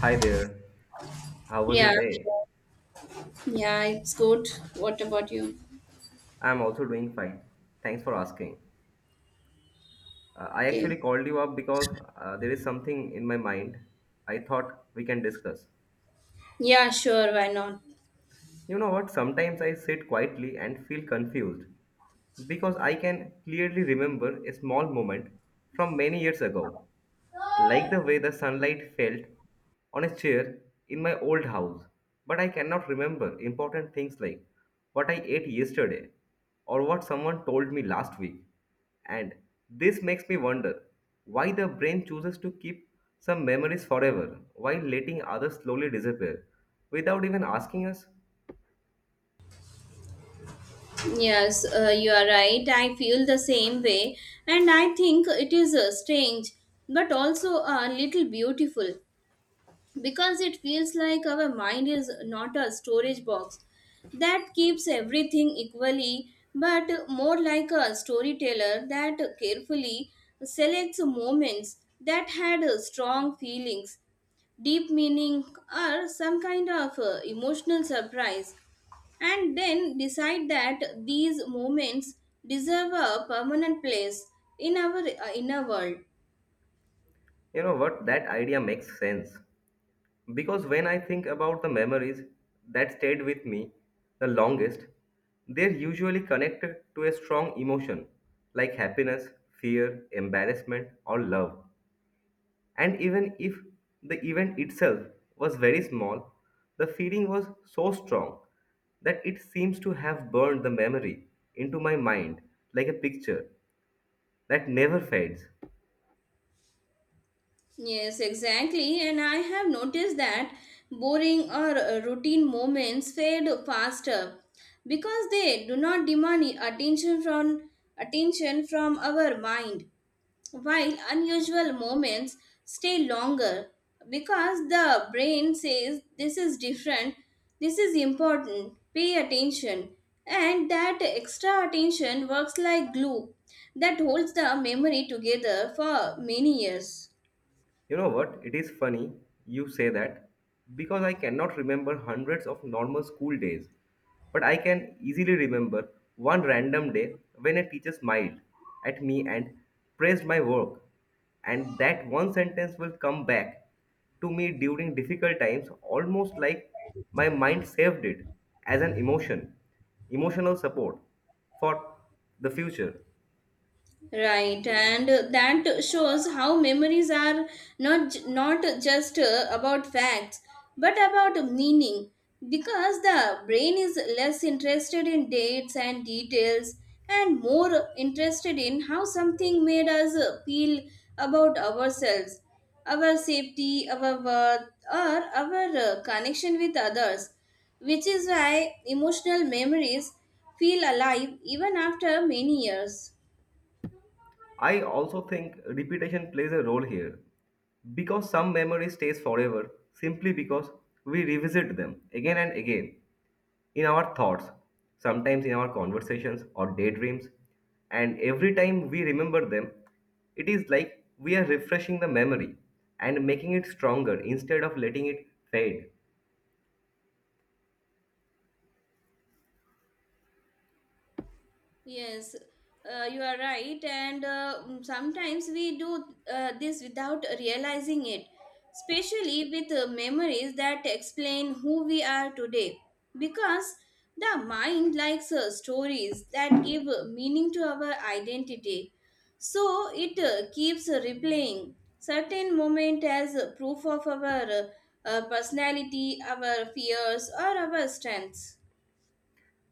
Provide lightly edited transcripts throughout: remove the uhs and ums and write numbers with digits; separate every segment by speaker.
Speaker 1: Hi there. How was
Speaker 2: Yeah,
Speaker 1: your day?
Speaker 2: sure. Yeah, it's good. What about you?
Speaker 1: I'm also doing fine. Thanks for asking. I
Speaker 2: Okay.
Speaker 1: actually called you up because there is something in my mind I thought we can discuss.
Speaker 2: Yeah, sure, why not?
Speaker 1: You know what? Sometimes I sit quietly and feel confused. Because I can clearly remember a small moment from many years ago, like the way the sunlight felt on a chair in my old house. But I cannot remember important things like what I ate yesterday or what someone told me last week. And this makes me wonder why the brain chooses to keep some memories forever while letting others slowly disappear without even asking us,
Speaker 2: Yes, you are right. I feel the same way, and I think it is strange but also a little beautiful because it feels like our mind is not a storage box that keeps everything equally, but more like a storyteller that carefully selects moments that had strong feelings, deep meaning, or some kind of emotional surprise, and then decide that these moments deserve a permanent place in our inner world.
Speaker 1: you know what, That idea makes sense. Because when I think about the memories that stayed with me the longest, they're usually connected to a strong emotion like happiness, fear, embarrassment, or love. And even if the event itself was very small, the feeling was so strong that it seems to have burned the memory into my mind like a picture that never fades.
Speaker 2: Yes, exactly. And I have noticed that boring or routine moments fade faster because they do not demand attention from our mind, while unusual moments stay longer because the brain says this is different, this is important, pay attention. And that extra attention works like glue that holds the memory together for many years.
Speaker 1: You know what? It is funny you say that because I cannot remember hundreds of normal school days, but I can easily remember one random day when a teacher smiled at me and praised my work. And that one sentence will come back to me during difficult times almost like my mind saved it as an emotion, emotional support for the future.
Speaker 2: Right, and that shows how memories are not just about facts, but about meaning. Because the brain is less interested in dates and details, and more interested in how something made us feel about ourselves, our safety, our worth, or our connection with others. Which is why emotional memories feel alive even after many years.
Speaker 1: I also think repetition plays a role here because some memory stays forever simply because we revisit them again and again in our thoughts, sometimes in our conversations or daydreams, and every time we remember them, it is like we are refreshing the memory and making it stronger instead of letting it fade.
Speaker 2: Yes, you are right. And sometimes we do this without realizing it, especially with memories that explain who we are today. Because the mind likes stories that give meaning to our identity. So it keeps replaying certain moment as proof of our personality, our fears, or our strengths.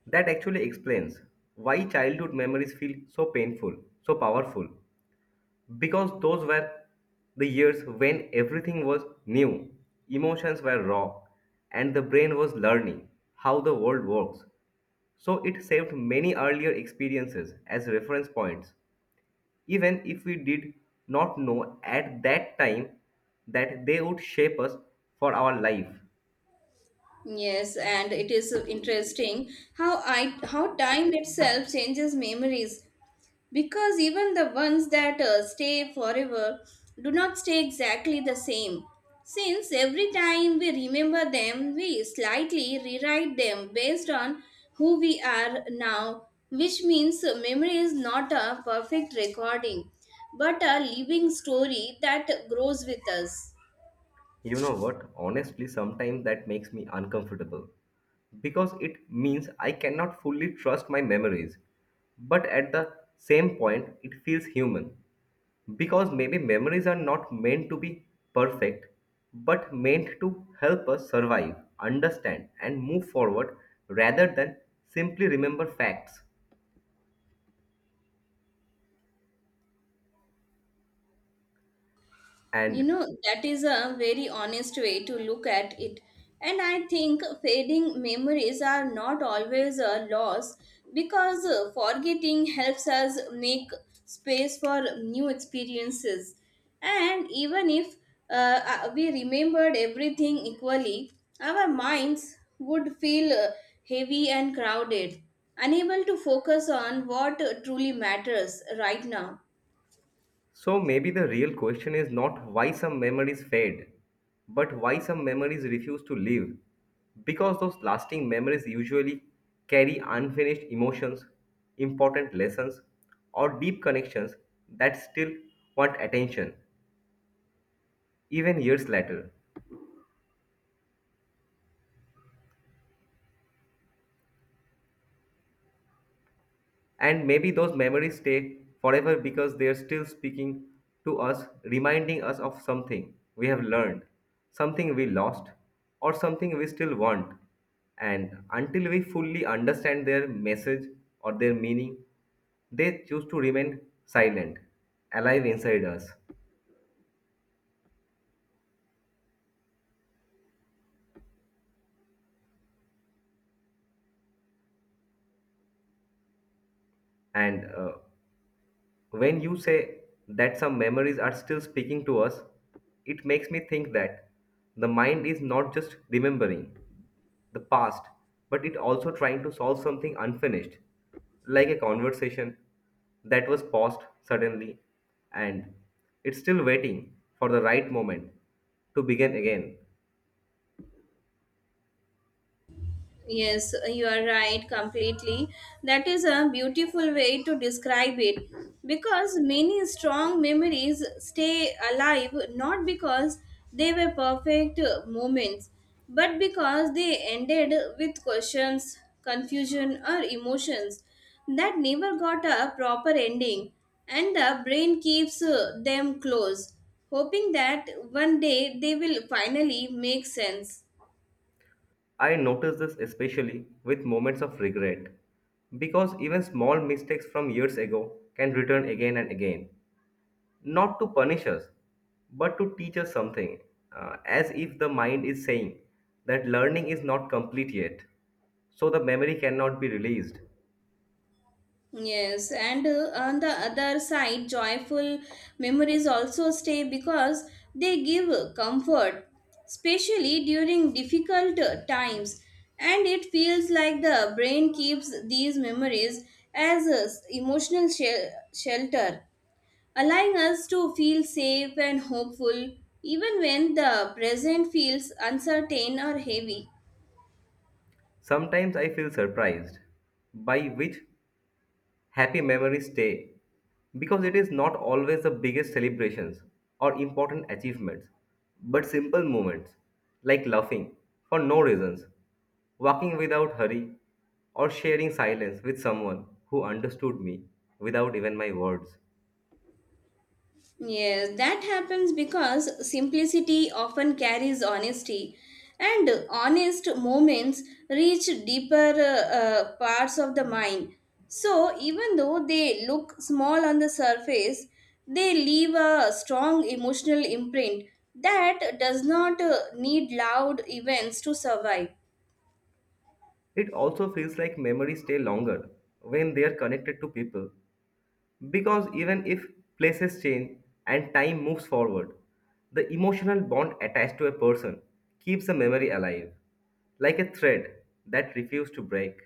Speaker 1: That actually explains why childhood memories feel so painful, so powerful. Because those were the years when everything was new, emotions were raw, and the brain was learning how the world works. So it saved many earlier experiences as reference points, even if we did not know at that time that they would shape us for our life.
Speaker 2: Yes, and it is interesting how time itself changes memories because even the ones that stay forever do not stay exactly the same. Since every time we remember them, we slightly rewrite them based on who we are now, which means memory is not a perfect recording, but a living story that grows with us.
Speaker 1: You know what? Honestly, sometimes that makes me uncomfortable because it means I cannot fully trust my memories. But at the same point, it feels human because maybe memories are not meant to be perfect but meant to help us survive, understand, and move forward rather than simply remember facts.
Speaker 2: You
Speaker 1: And
Speaker 2: know, that is a very honest way to look at it. And I think fading memories are not always a loss because forgetting helps us make space for new experiences. And even if we remembered everything equally, our minds would feel heavy and crowded, unable to focus on what truly matters right now.
Speaker 1: So maybe the real question is not why some memories fade, but why some memories refuse to live. Because those lasting memories usually carry unfinished emotions, important lessons, or deep connections that still want attention, even years later. And maybe those memories stay forever because they're still speaking to us, reminding us of something we have learned, something we lost, or something we still want. And until we fully understand their message or their meaning, they choose to remain silent, alive inside us. And When you say that some memories are still speaking to us, it makes me think that the mind is not just remembering the past, but it also trying to solve something unfinished, like a conversation that was paused suddenly and it's still waiting for the right moment to begin again.
Speaker 2: Yes, you are right completely. That is a beautiful way to describe it because many strong memories stay alive not because they were perfect moments but because they ended with questions, confusion, or emotions that never got a proper ending, and the brain keeps them close, hoping that one day they will finally make sense.
Speaker 1: I notice this especially with moments of regret because even small mistakes from years ago can return again and again. Not to punish us, but to teach us something, as if the mind is saying that learning is not complete yet, so the memory cannot be released.
Speaker 2: Yes, and on the other side, joyful memories also stay because they give comfort, especially during difficult times. And it feels like the brain keeps these memories as emotional shelter, allowing us to feel safe and hopeful even when the present feels uncertain or heavy.
Speaker 1: Sometimes I feel surprised by which Happy Memories stay because it is not always the biggest celebrations or important achievements, but simple moments like laughing for no reasons, walking without hurry, or sharing silence with someone who understood me without even my words.
Speaker 2: Yes, that happens because simplicity often carries honesty, and honest moments reach deeper parts of the mind. So, even though they look small on the surface, they leave a strong emotional imprint that does not need loud events to survive.
Speaker 1: It also feels like memories stay longer when they are connected to people. Because even if places change and time moves forward, the emotional bond attached to a person keeps a memory alive, like a thread that refuses to break.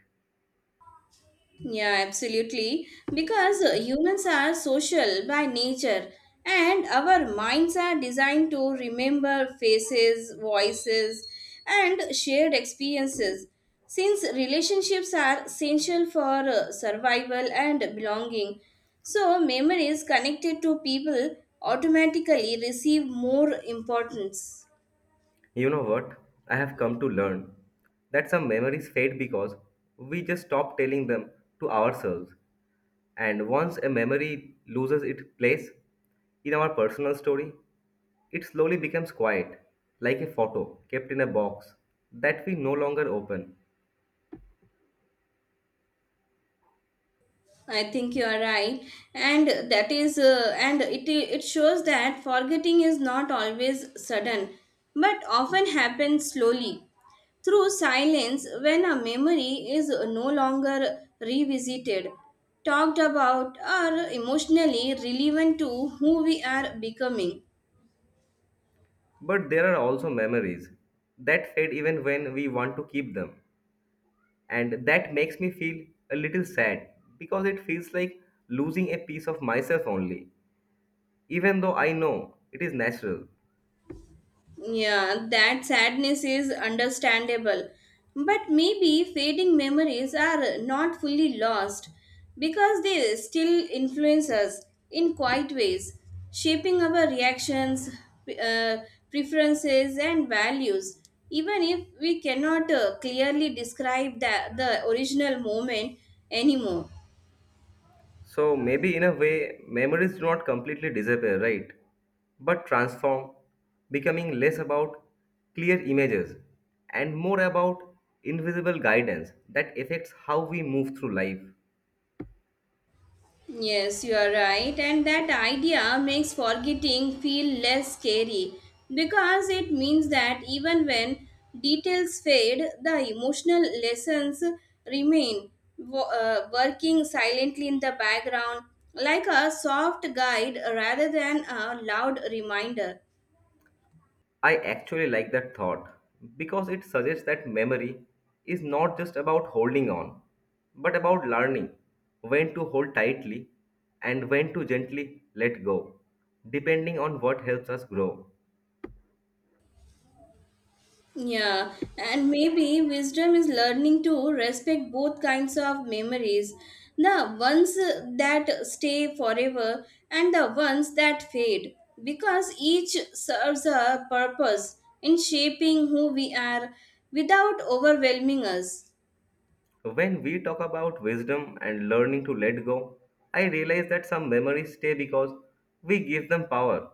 Speaker 2: Yeah, absolutely. Because humans are social by nature, and our minds are designed to remember faces, voices, and shared experiences. Since relationships are essential for survival and belonging, so memories connected to people automatically receive more importance.
Speaker 1: You know what? I have come to learn that some memories fade because we just stop telling them to ourselves. And once a memory loses its place in our personal story, it slowly becomes quiet, like a photo kept in a box that we no longer open.
Speaker 2: I think you are right, and that is, and it shows that forgetting is not always sudden, but often happens slowly through silence when a memory is no longer revisited, talked about, or emotionally relevant to who we are becoming.
Speaker 1: But there are also memories that fade even when we want to keep them. And that makes me feel a little sad because it feels like losing a piece of myself only, even though I know it is natural.
Speaker 2: Yeah, that sadness is understandable. But maybe fading memories are not fully lost because they still influence us in quiet ways, shaping our reactions, uh, preferences, and values. Even if we cannot clearly describe the original moment anymore.
Speaker 1: So maybe in a way, memories do not completely disappear, right? But transform, becoming less about clear images and more about invisible guidance that affects how we move through life.
Speaker 2: Yes, you are right, and that idea makes forgetting feel less scary because it means that even when details fade, the emotional lessons remain, working silently in the background like a soft guide rather than a loud reminder.
Speaker 1: I actually like that thought because it suggests that memory is not just about holding on, but about learning when to hold tightly and when to gently let go, depending on what helps us grow.
Speaker 2: Yeah, and maybe wisdom is learning to respect both kinds of memories, the ones that stay forever and the ones that fade, because each serves a purpose in shaping who we are without overwhelming us.
Speaker 1: When we talk about wisdom and learning to let go, I realize that some memories stay because we give them power,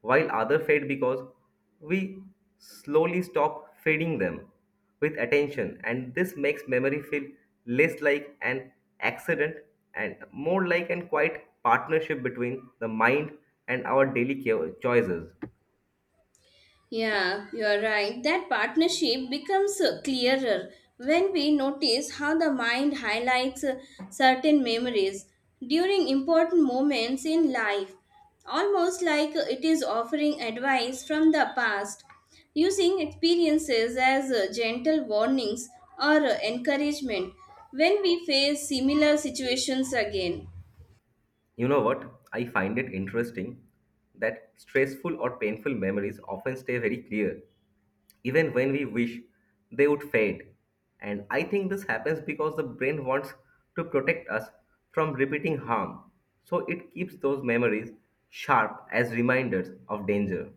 Speaker 1: while others fade because we slowly stop feeding them with attention, and this makes memory feel less like an accident and more like a quiet partnership between the mind and our daily choices.
Speaker 2: Yeah, you are right. That partnership becomes clearer when we notice how the mind highlights certain memories during important moments in life, almost like it is offering advice from the past, using experiences as gentle warnings or encouragement when we face similar situations again.
Speaker 1: You know what? I find it interesting that stressful or painful memories often stay very clear, even when we wish they would fade. And I think this happens because the brain wants to protect us from repeating harm. So it keeps those memories sharp as reminders of danger.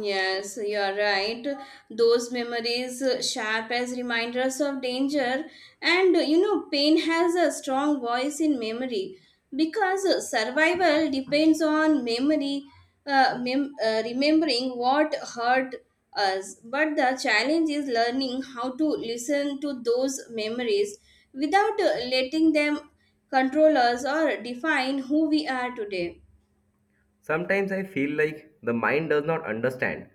Speaker 2: Yes, you are right. Those memories sharp as reminders of danger, and you know, pain has a strong voice in memory because survival depends on memory, remembering what hurt us. But the challenge is learning how to listen to those memories without letting them control us or define who we are today.
Speaker 1: Sometimes I feel like the mind does not understand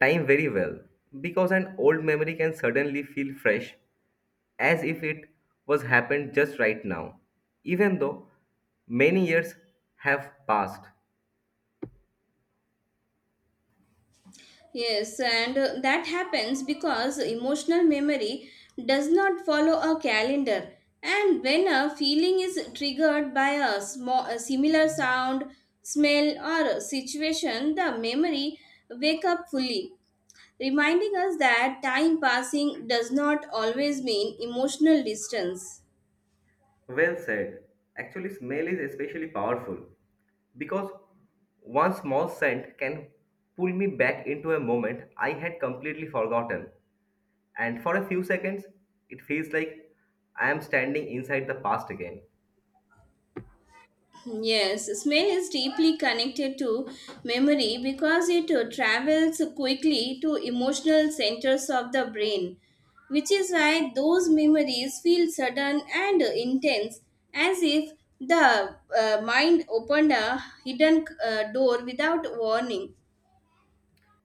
Speaker 1: time very well because an old memory can suddenly feel fresh as if it was happened just right now, even though many years have passed.
Speaker 2: Yes, and that happens because emotional memory does not follow a calendar. And when a feeling is triggered by small, a similar sound, smell, or a situation, the memory wake up fully, reminding us that time passing does not always mean emotional distance.
Speaker 1: Well said. Actually, smell is especially powerful because one small scent can pull me back into a moment I had completely forgotten. And for a few seconds, it feels like I am standing inside the past again.
Speaker 2: Yes, smell is deeply connected to memory because it travels quickly to emotional centers of the brain, which is why those memories feel sudden and intense, as if the mind opened a hidden door without warning.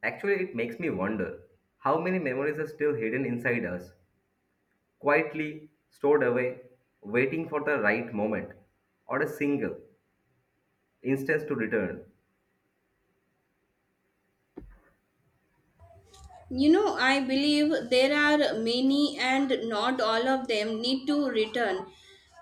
Speaker 1: Actually, it makes me wonder how many memories are still hidden inside us, quietly stored away, waiting for the right moment or a single instance to return.
Speaker 2: You know, I believe there are many, and not all of them need to return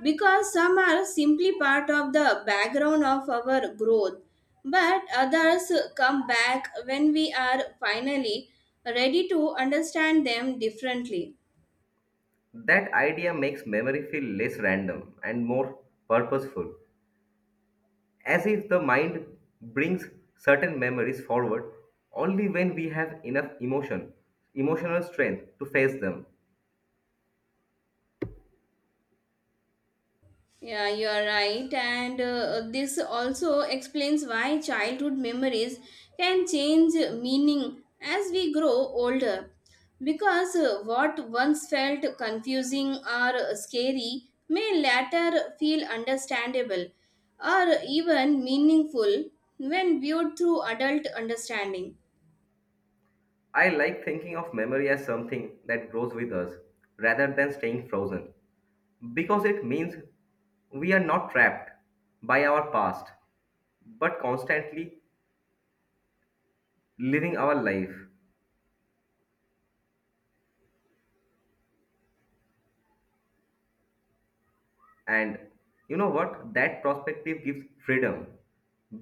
Speaker 2: because some are simply part of the background of our growth, but others come back when we are finally ready to understand them differently.
Speaker 1: That idea makes memory feel less random and more purposeful, as if the mind brings certain memories forward only when we have enough emotion, emotional strength to face them.
Speaker 2: Yeah, you are right. And this also explains why childhood memories can change meaning as we grow older. Because what once felt confusing or scary may later feel understandable or even meaningful when viewed through adult understanding.
Speaker 1: I like thinking of memory as something that grows with us rather than staying frozen because it means we are not trapped by our past but constantly living our life. And you know what? That perspective gives freedom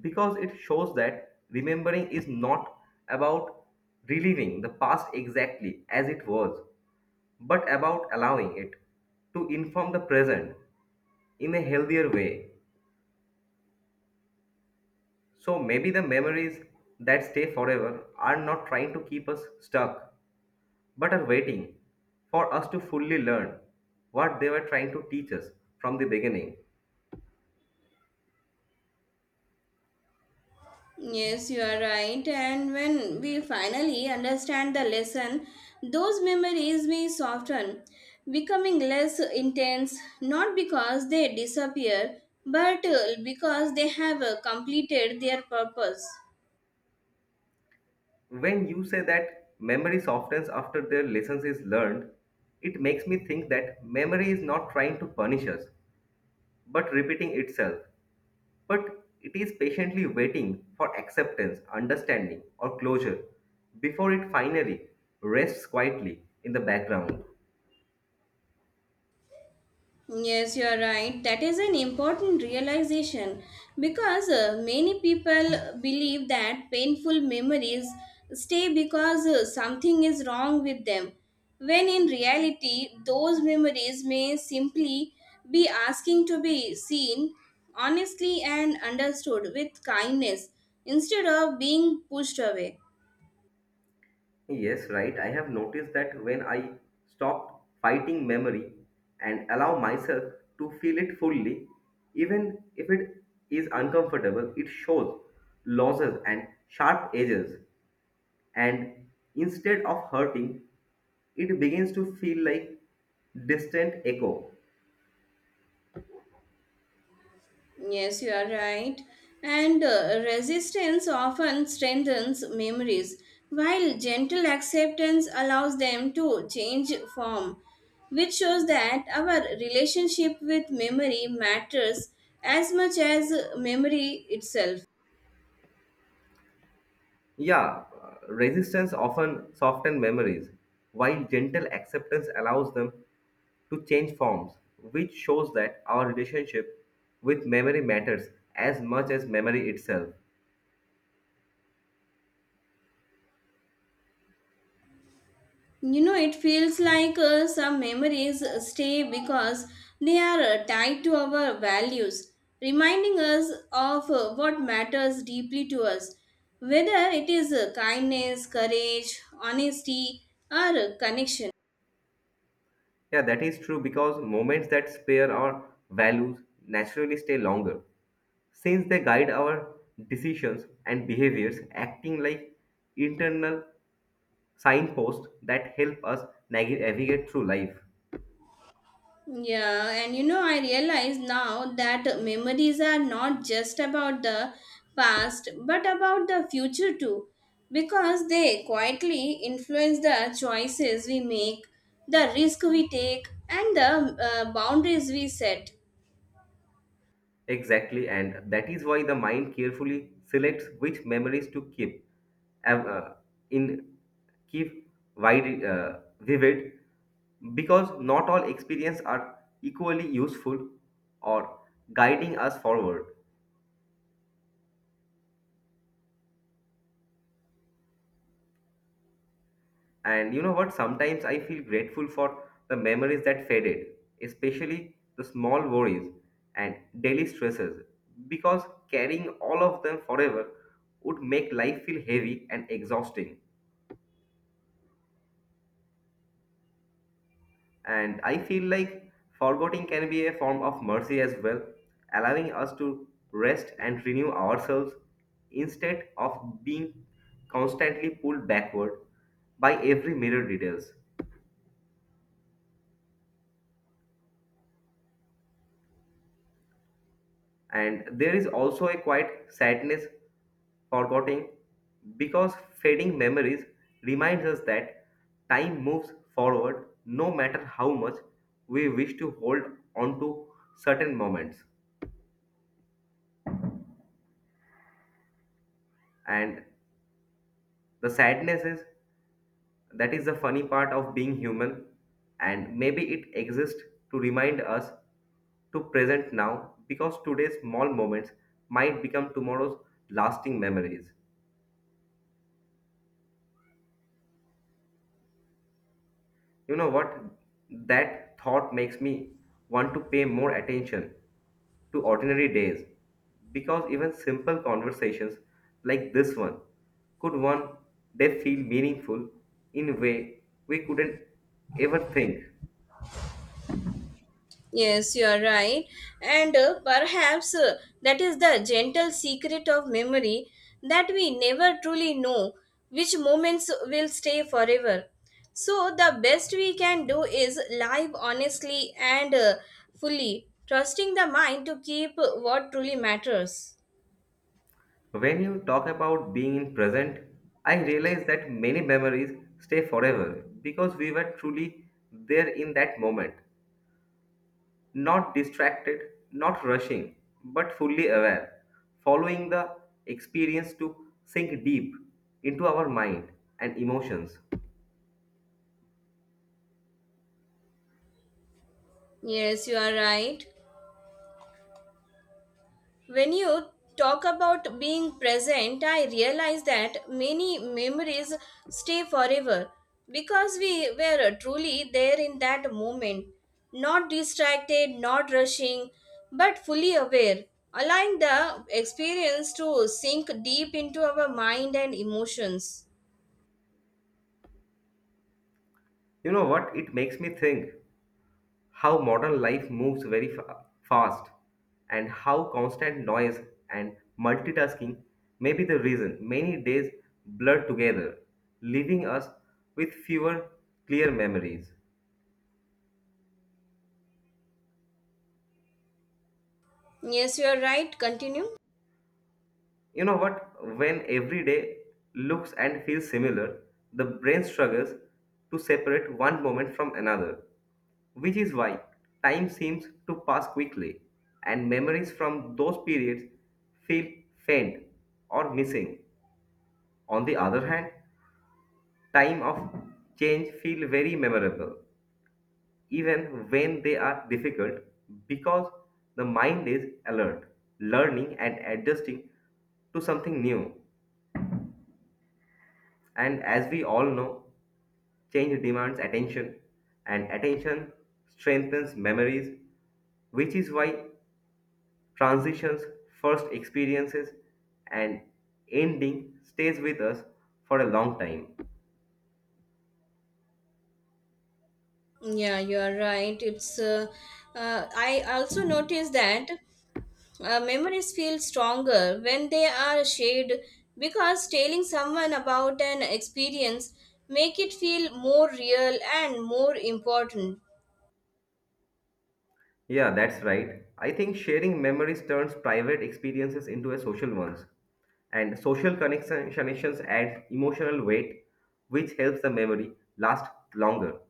Speaker 1: because it shows that remembering is not about reliving the past exactly as it was but about allowing it to inform the present in a healthier way. So maybe the memories that stay forever are not trying to keep us stuck, but are waiting for us to fully learn what they were trying to teach us from the beginning.
Speaker 2: Yes, you are right. And when we finally understand the lesson, those memories may soften, becoming less intense, not because they disappear, but because they have completed their purpose.
Speaker 1: When you say that memory softens after their lessons is learned, it makes me think that memory is not trying to punish us, but repeating itself. But it is patiently waiting for acceptance, understanding, or closure before it finally rests quietly in the background.
Speaker 2: Yes, you are right. That is an important realization because many people believe that painful memories stay because something is wrong with them, when in reality, those memories may simply be asking to be seen honestly and understood with kindness instead of being pushed away.
Speaker 1: Yes, right. I have noticed that when I stop fighting memory and allow myself to feel it fully, even if it is uncomfortable, it shows losses and sharp edges. And instead of hurting, it begins to feel like distant echo.
Speaker 2: Yes, you are right. And resistance often strengthens memories, while gentle acceptance allows them to change form, which shows that our relationship with memory matters as much as memory itself.
Speaker 1: Yeah, Resistance often softens memories, while gentle acceptance allows them to change forms, which shows that our relationship with memory matters as much as memory itself.
Speaker 2: You know, it feels like some memories stay because they are tied to our values, reminding us of what matters deeply to us, whether it is kindness, courage, honesty, or connection.
Speaker 1: Yeah, that is true because moments that spare our values naturally stay longer, since they guide our decisions and behaviors, acting like internal signposts that help us navigate through life.
Speaker 2: Yeah, and you know, I realize now that memories are not just about the past but about the future too, because they quietly influence the choices we make, the risk we take, and the boundaries we set.
Speaker 1: Exactly, and that is why the mind carefully selects which memories to keep. Av- in Keep vivid, because not all experiences are equally useful or guiding us forward. And you know what? Sometimes I feel grateful for the memories that faded, especially the small worries and daily stresses, because carrying all of them forever would make life feel heavy and exhausting. And I feel like forgetting can be a form of mercy as well, allowing us to rest and renew ourselves instead of being constantly pulled backward by every mirror details. And there is also a quiet sadness forgetting because fading memories reminds us that time moves forward no matter how much we wish to hold on to certain moments and the sadness is That is the funny part of being human, and maybe it exists to remind us to present now because today's small moments might become tomorrow's lasting memories. You know what? That thought makes me want to pay more attention to ordinary days because even simple conversations like this one could one day feel meaningful in a way we couldn't ever think.
Speaker 2: Yes, you are right. And perhaps that is the gentle secret of memory, that we never truly know which moments will stay forever. So, the best we can do is live honestly and fully, trusting the mind to keep what truly matters.
Speaker 1: When you talk about being in present, I realize that many memories stay forever because we were truly there in that moment, not distracted, not rushing, but fully aware, following the experience to sink deep into our mind and emotions.
Speaker 2: Yes, you are right. When you talk about being present, I realize that many memories stay forever because we were truly there in that moment, not distracted, not rushing, but fully aware, allowing the experience to sink deep into our mind and emotions.
Speaker 1: You know what? It makes me think. How modern life moves very fast and how constant noise and multitasking may be the reason many days blur together, leaving us with fewer clear memories.
Speaker 2: Yes, you are right. Continue.
Speaker 1: You know what? When every day looks and feels similar, the brain struggles to separate one moment from another, which is why time seems to pass quickly and memories from those periods feel faint or missing. On the other hand, time of change feel very memorable, even when they are difficult, because the mind is alert, learning and adjusting to something new. And as we all know, change demands attention, and attention strengthens memories, which is why transitions, first experiences, and ending stays with us for a long time.
Speaker 2: Yeah, you are right. It's I also noticed that memories feel stronger when they are shared because telling someone about an experience make it feel more real and more important.
Speaker 1: Yeah, that's right. I think sharing memories turns private experiences into a social ones. And social connections add emotional weight, which helps the memory last longer.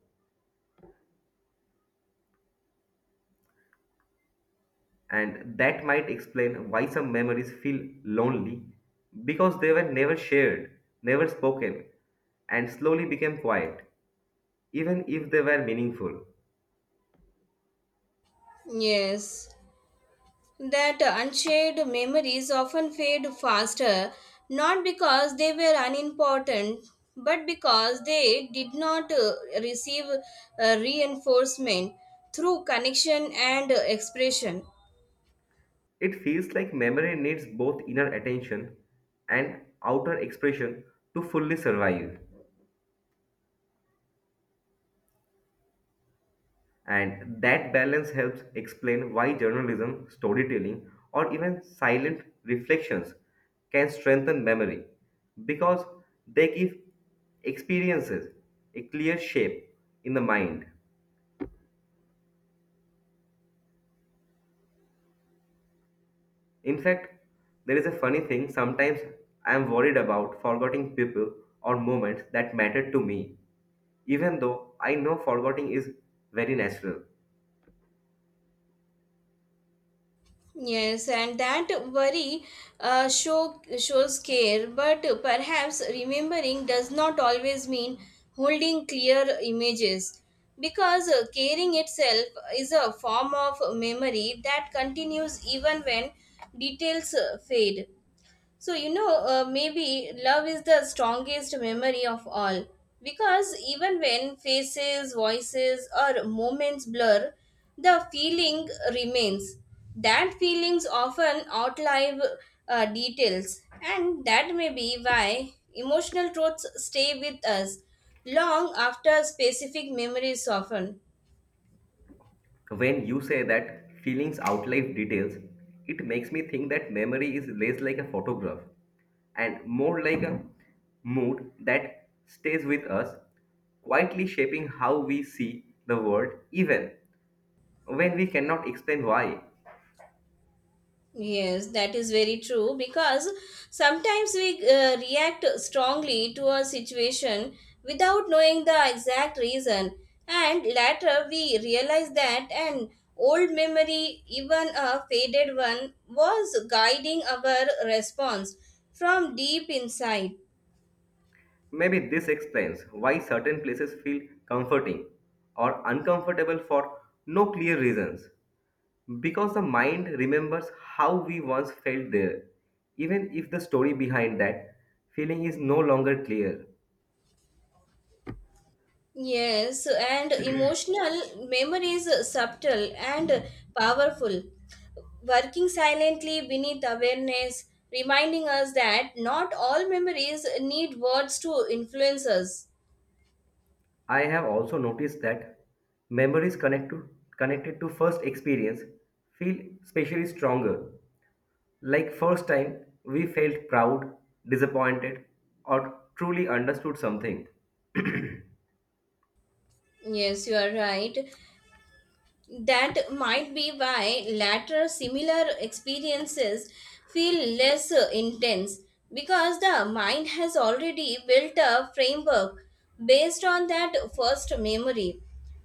Speaker 1: And that might explain why some memories feel lonely because they were never shared, never spoken, and slowly became quiet, even if they were meaningful.
Speaker 2: Yes, that unshared memories often fade faster, not because they were unimportant but because they did not receive reinforcement through connection and expression.
Speaker 1: It feels like memory needs both inner attention and outer expression to fully survive. And that balance helps explain why journalism, storytelling, or even silent reflections can strengthen memory because they give experiences a clear shape in the mind. In fact, there is a funny thing sometimes I am worried about forgetting people or moments that mattered to me, even though I know forgetting is very natural.
Speaker 2: Yes, and that worry shows care, but perhaps remembering does not always mean holding clear images because caring itself is a form of memory that continues even when details fade. So, you know, maybe love is the strongest memory of all because even when faces, voices, or moments blur, the feeling remains. That feelings often outlive details, and that may be why emotional truths stay with us long after specific memories soften.
Speaker 1: When you say that feelings outlive details, it makes me think that memory is less like a photograph and more like a mood that stays with us, quietly shaping how we see the world, even when we cannot explain why.
Speaker 2: Yes, that is very true because sometimes we react strongly to a situation without knowing the exact reason, and later we realize that an old memory, even a faded one, was guiding our response from deep inside.
Speaker 1: Maybe this explains why certain places feel comforting or uncomfortable for no clear reasons. Because the mind remembers how we once felt there, even if the story behind that feeling is no longer clear.
Speaker 2: Yes, and emotional memory is subtle and powerful, working silently beneath awareness, reminding us that not all memories need words to influence us.
Speaker 1: I have also noticed that memories connect to, connected to first experience feel especially stronger. Like first time we felt proud, disappointed, or truly understood something.
Speaker 2: Yes, you are right. That might be why later similar experiences feel less intense because the mind has already built a framework based on that first memory.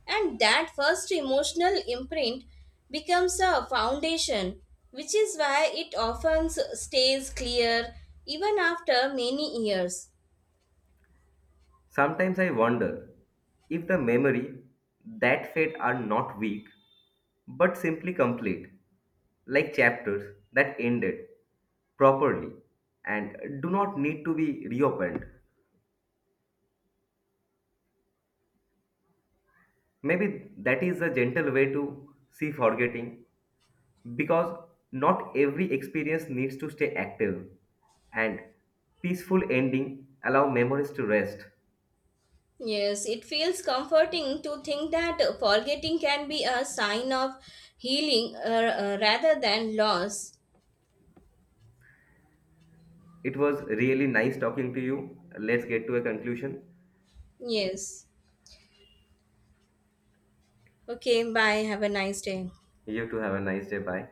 Speaker 2: And that first emotional imprint becomes a foundation, which is why it often stays clear even after many years.
Speaker 1: Sometimes I wonder if the memory that fade are not weak, but simply complete, like chapters that ended properly and do not need to be reopened. Maybe that is a gentle way to see forgetting because not every experience needs to stay active and peaceful ending allow memories to rest.
Speaker 2: Yes, it feels comforting to think that forgetting can be a sign of healing rather than loss.
Speaker 1: It was really nice talking to you. Let's get to a conclusion.
Speaker 2: Yes. Okay, bye. Have a nice day.
Speaker 1: You too have a nice day. Bye.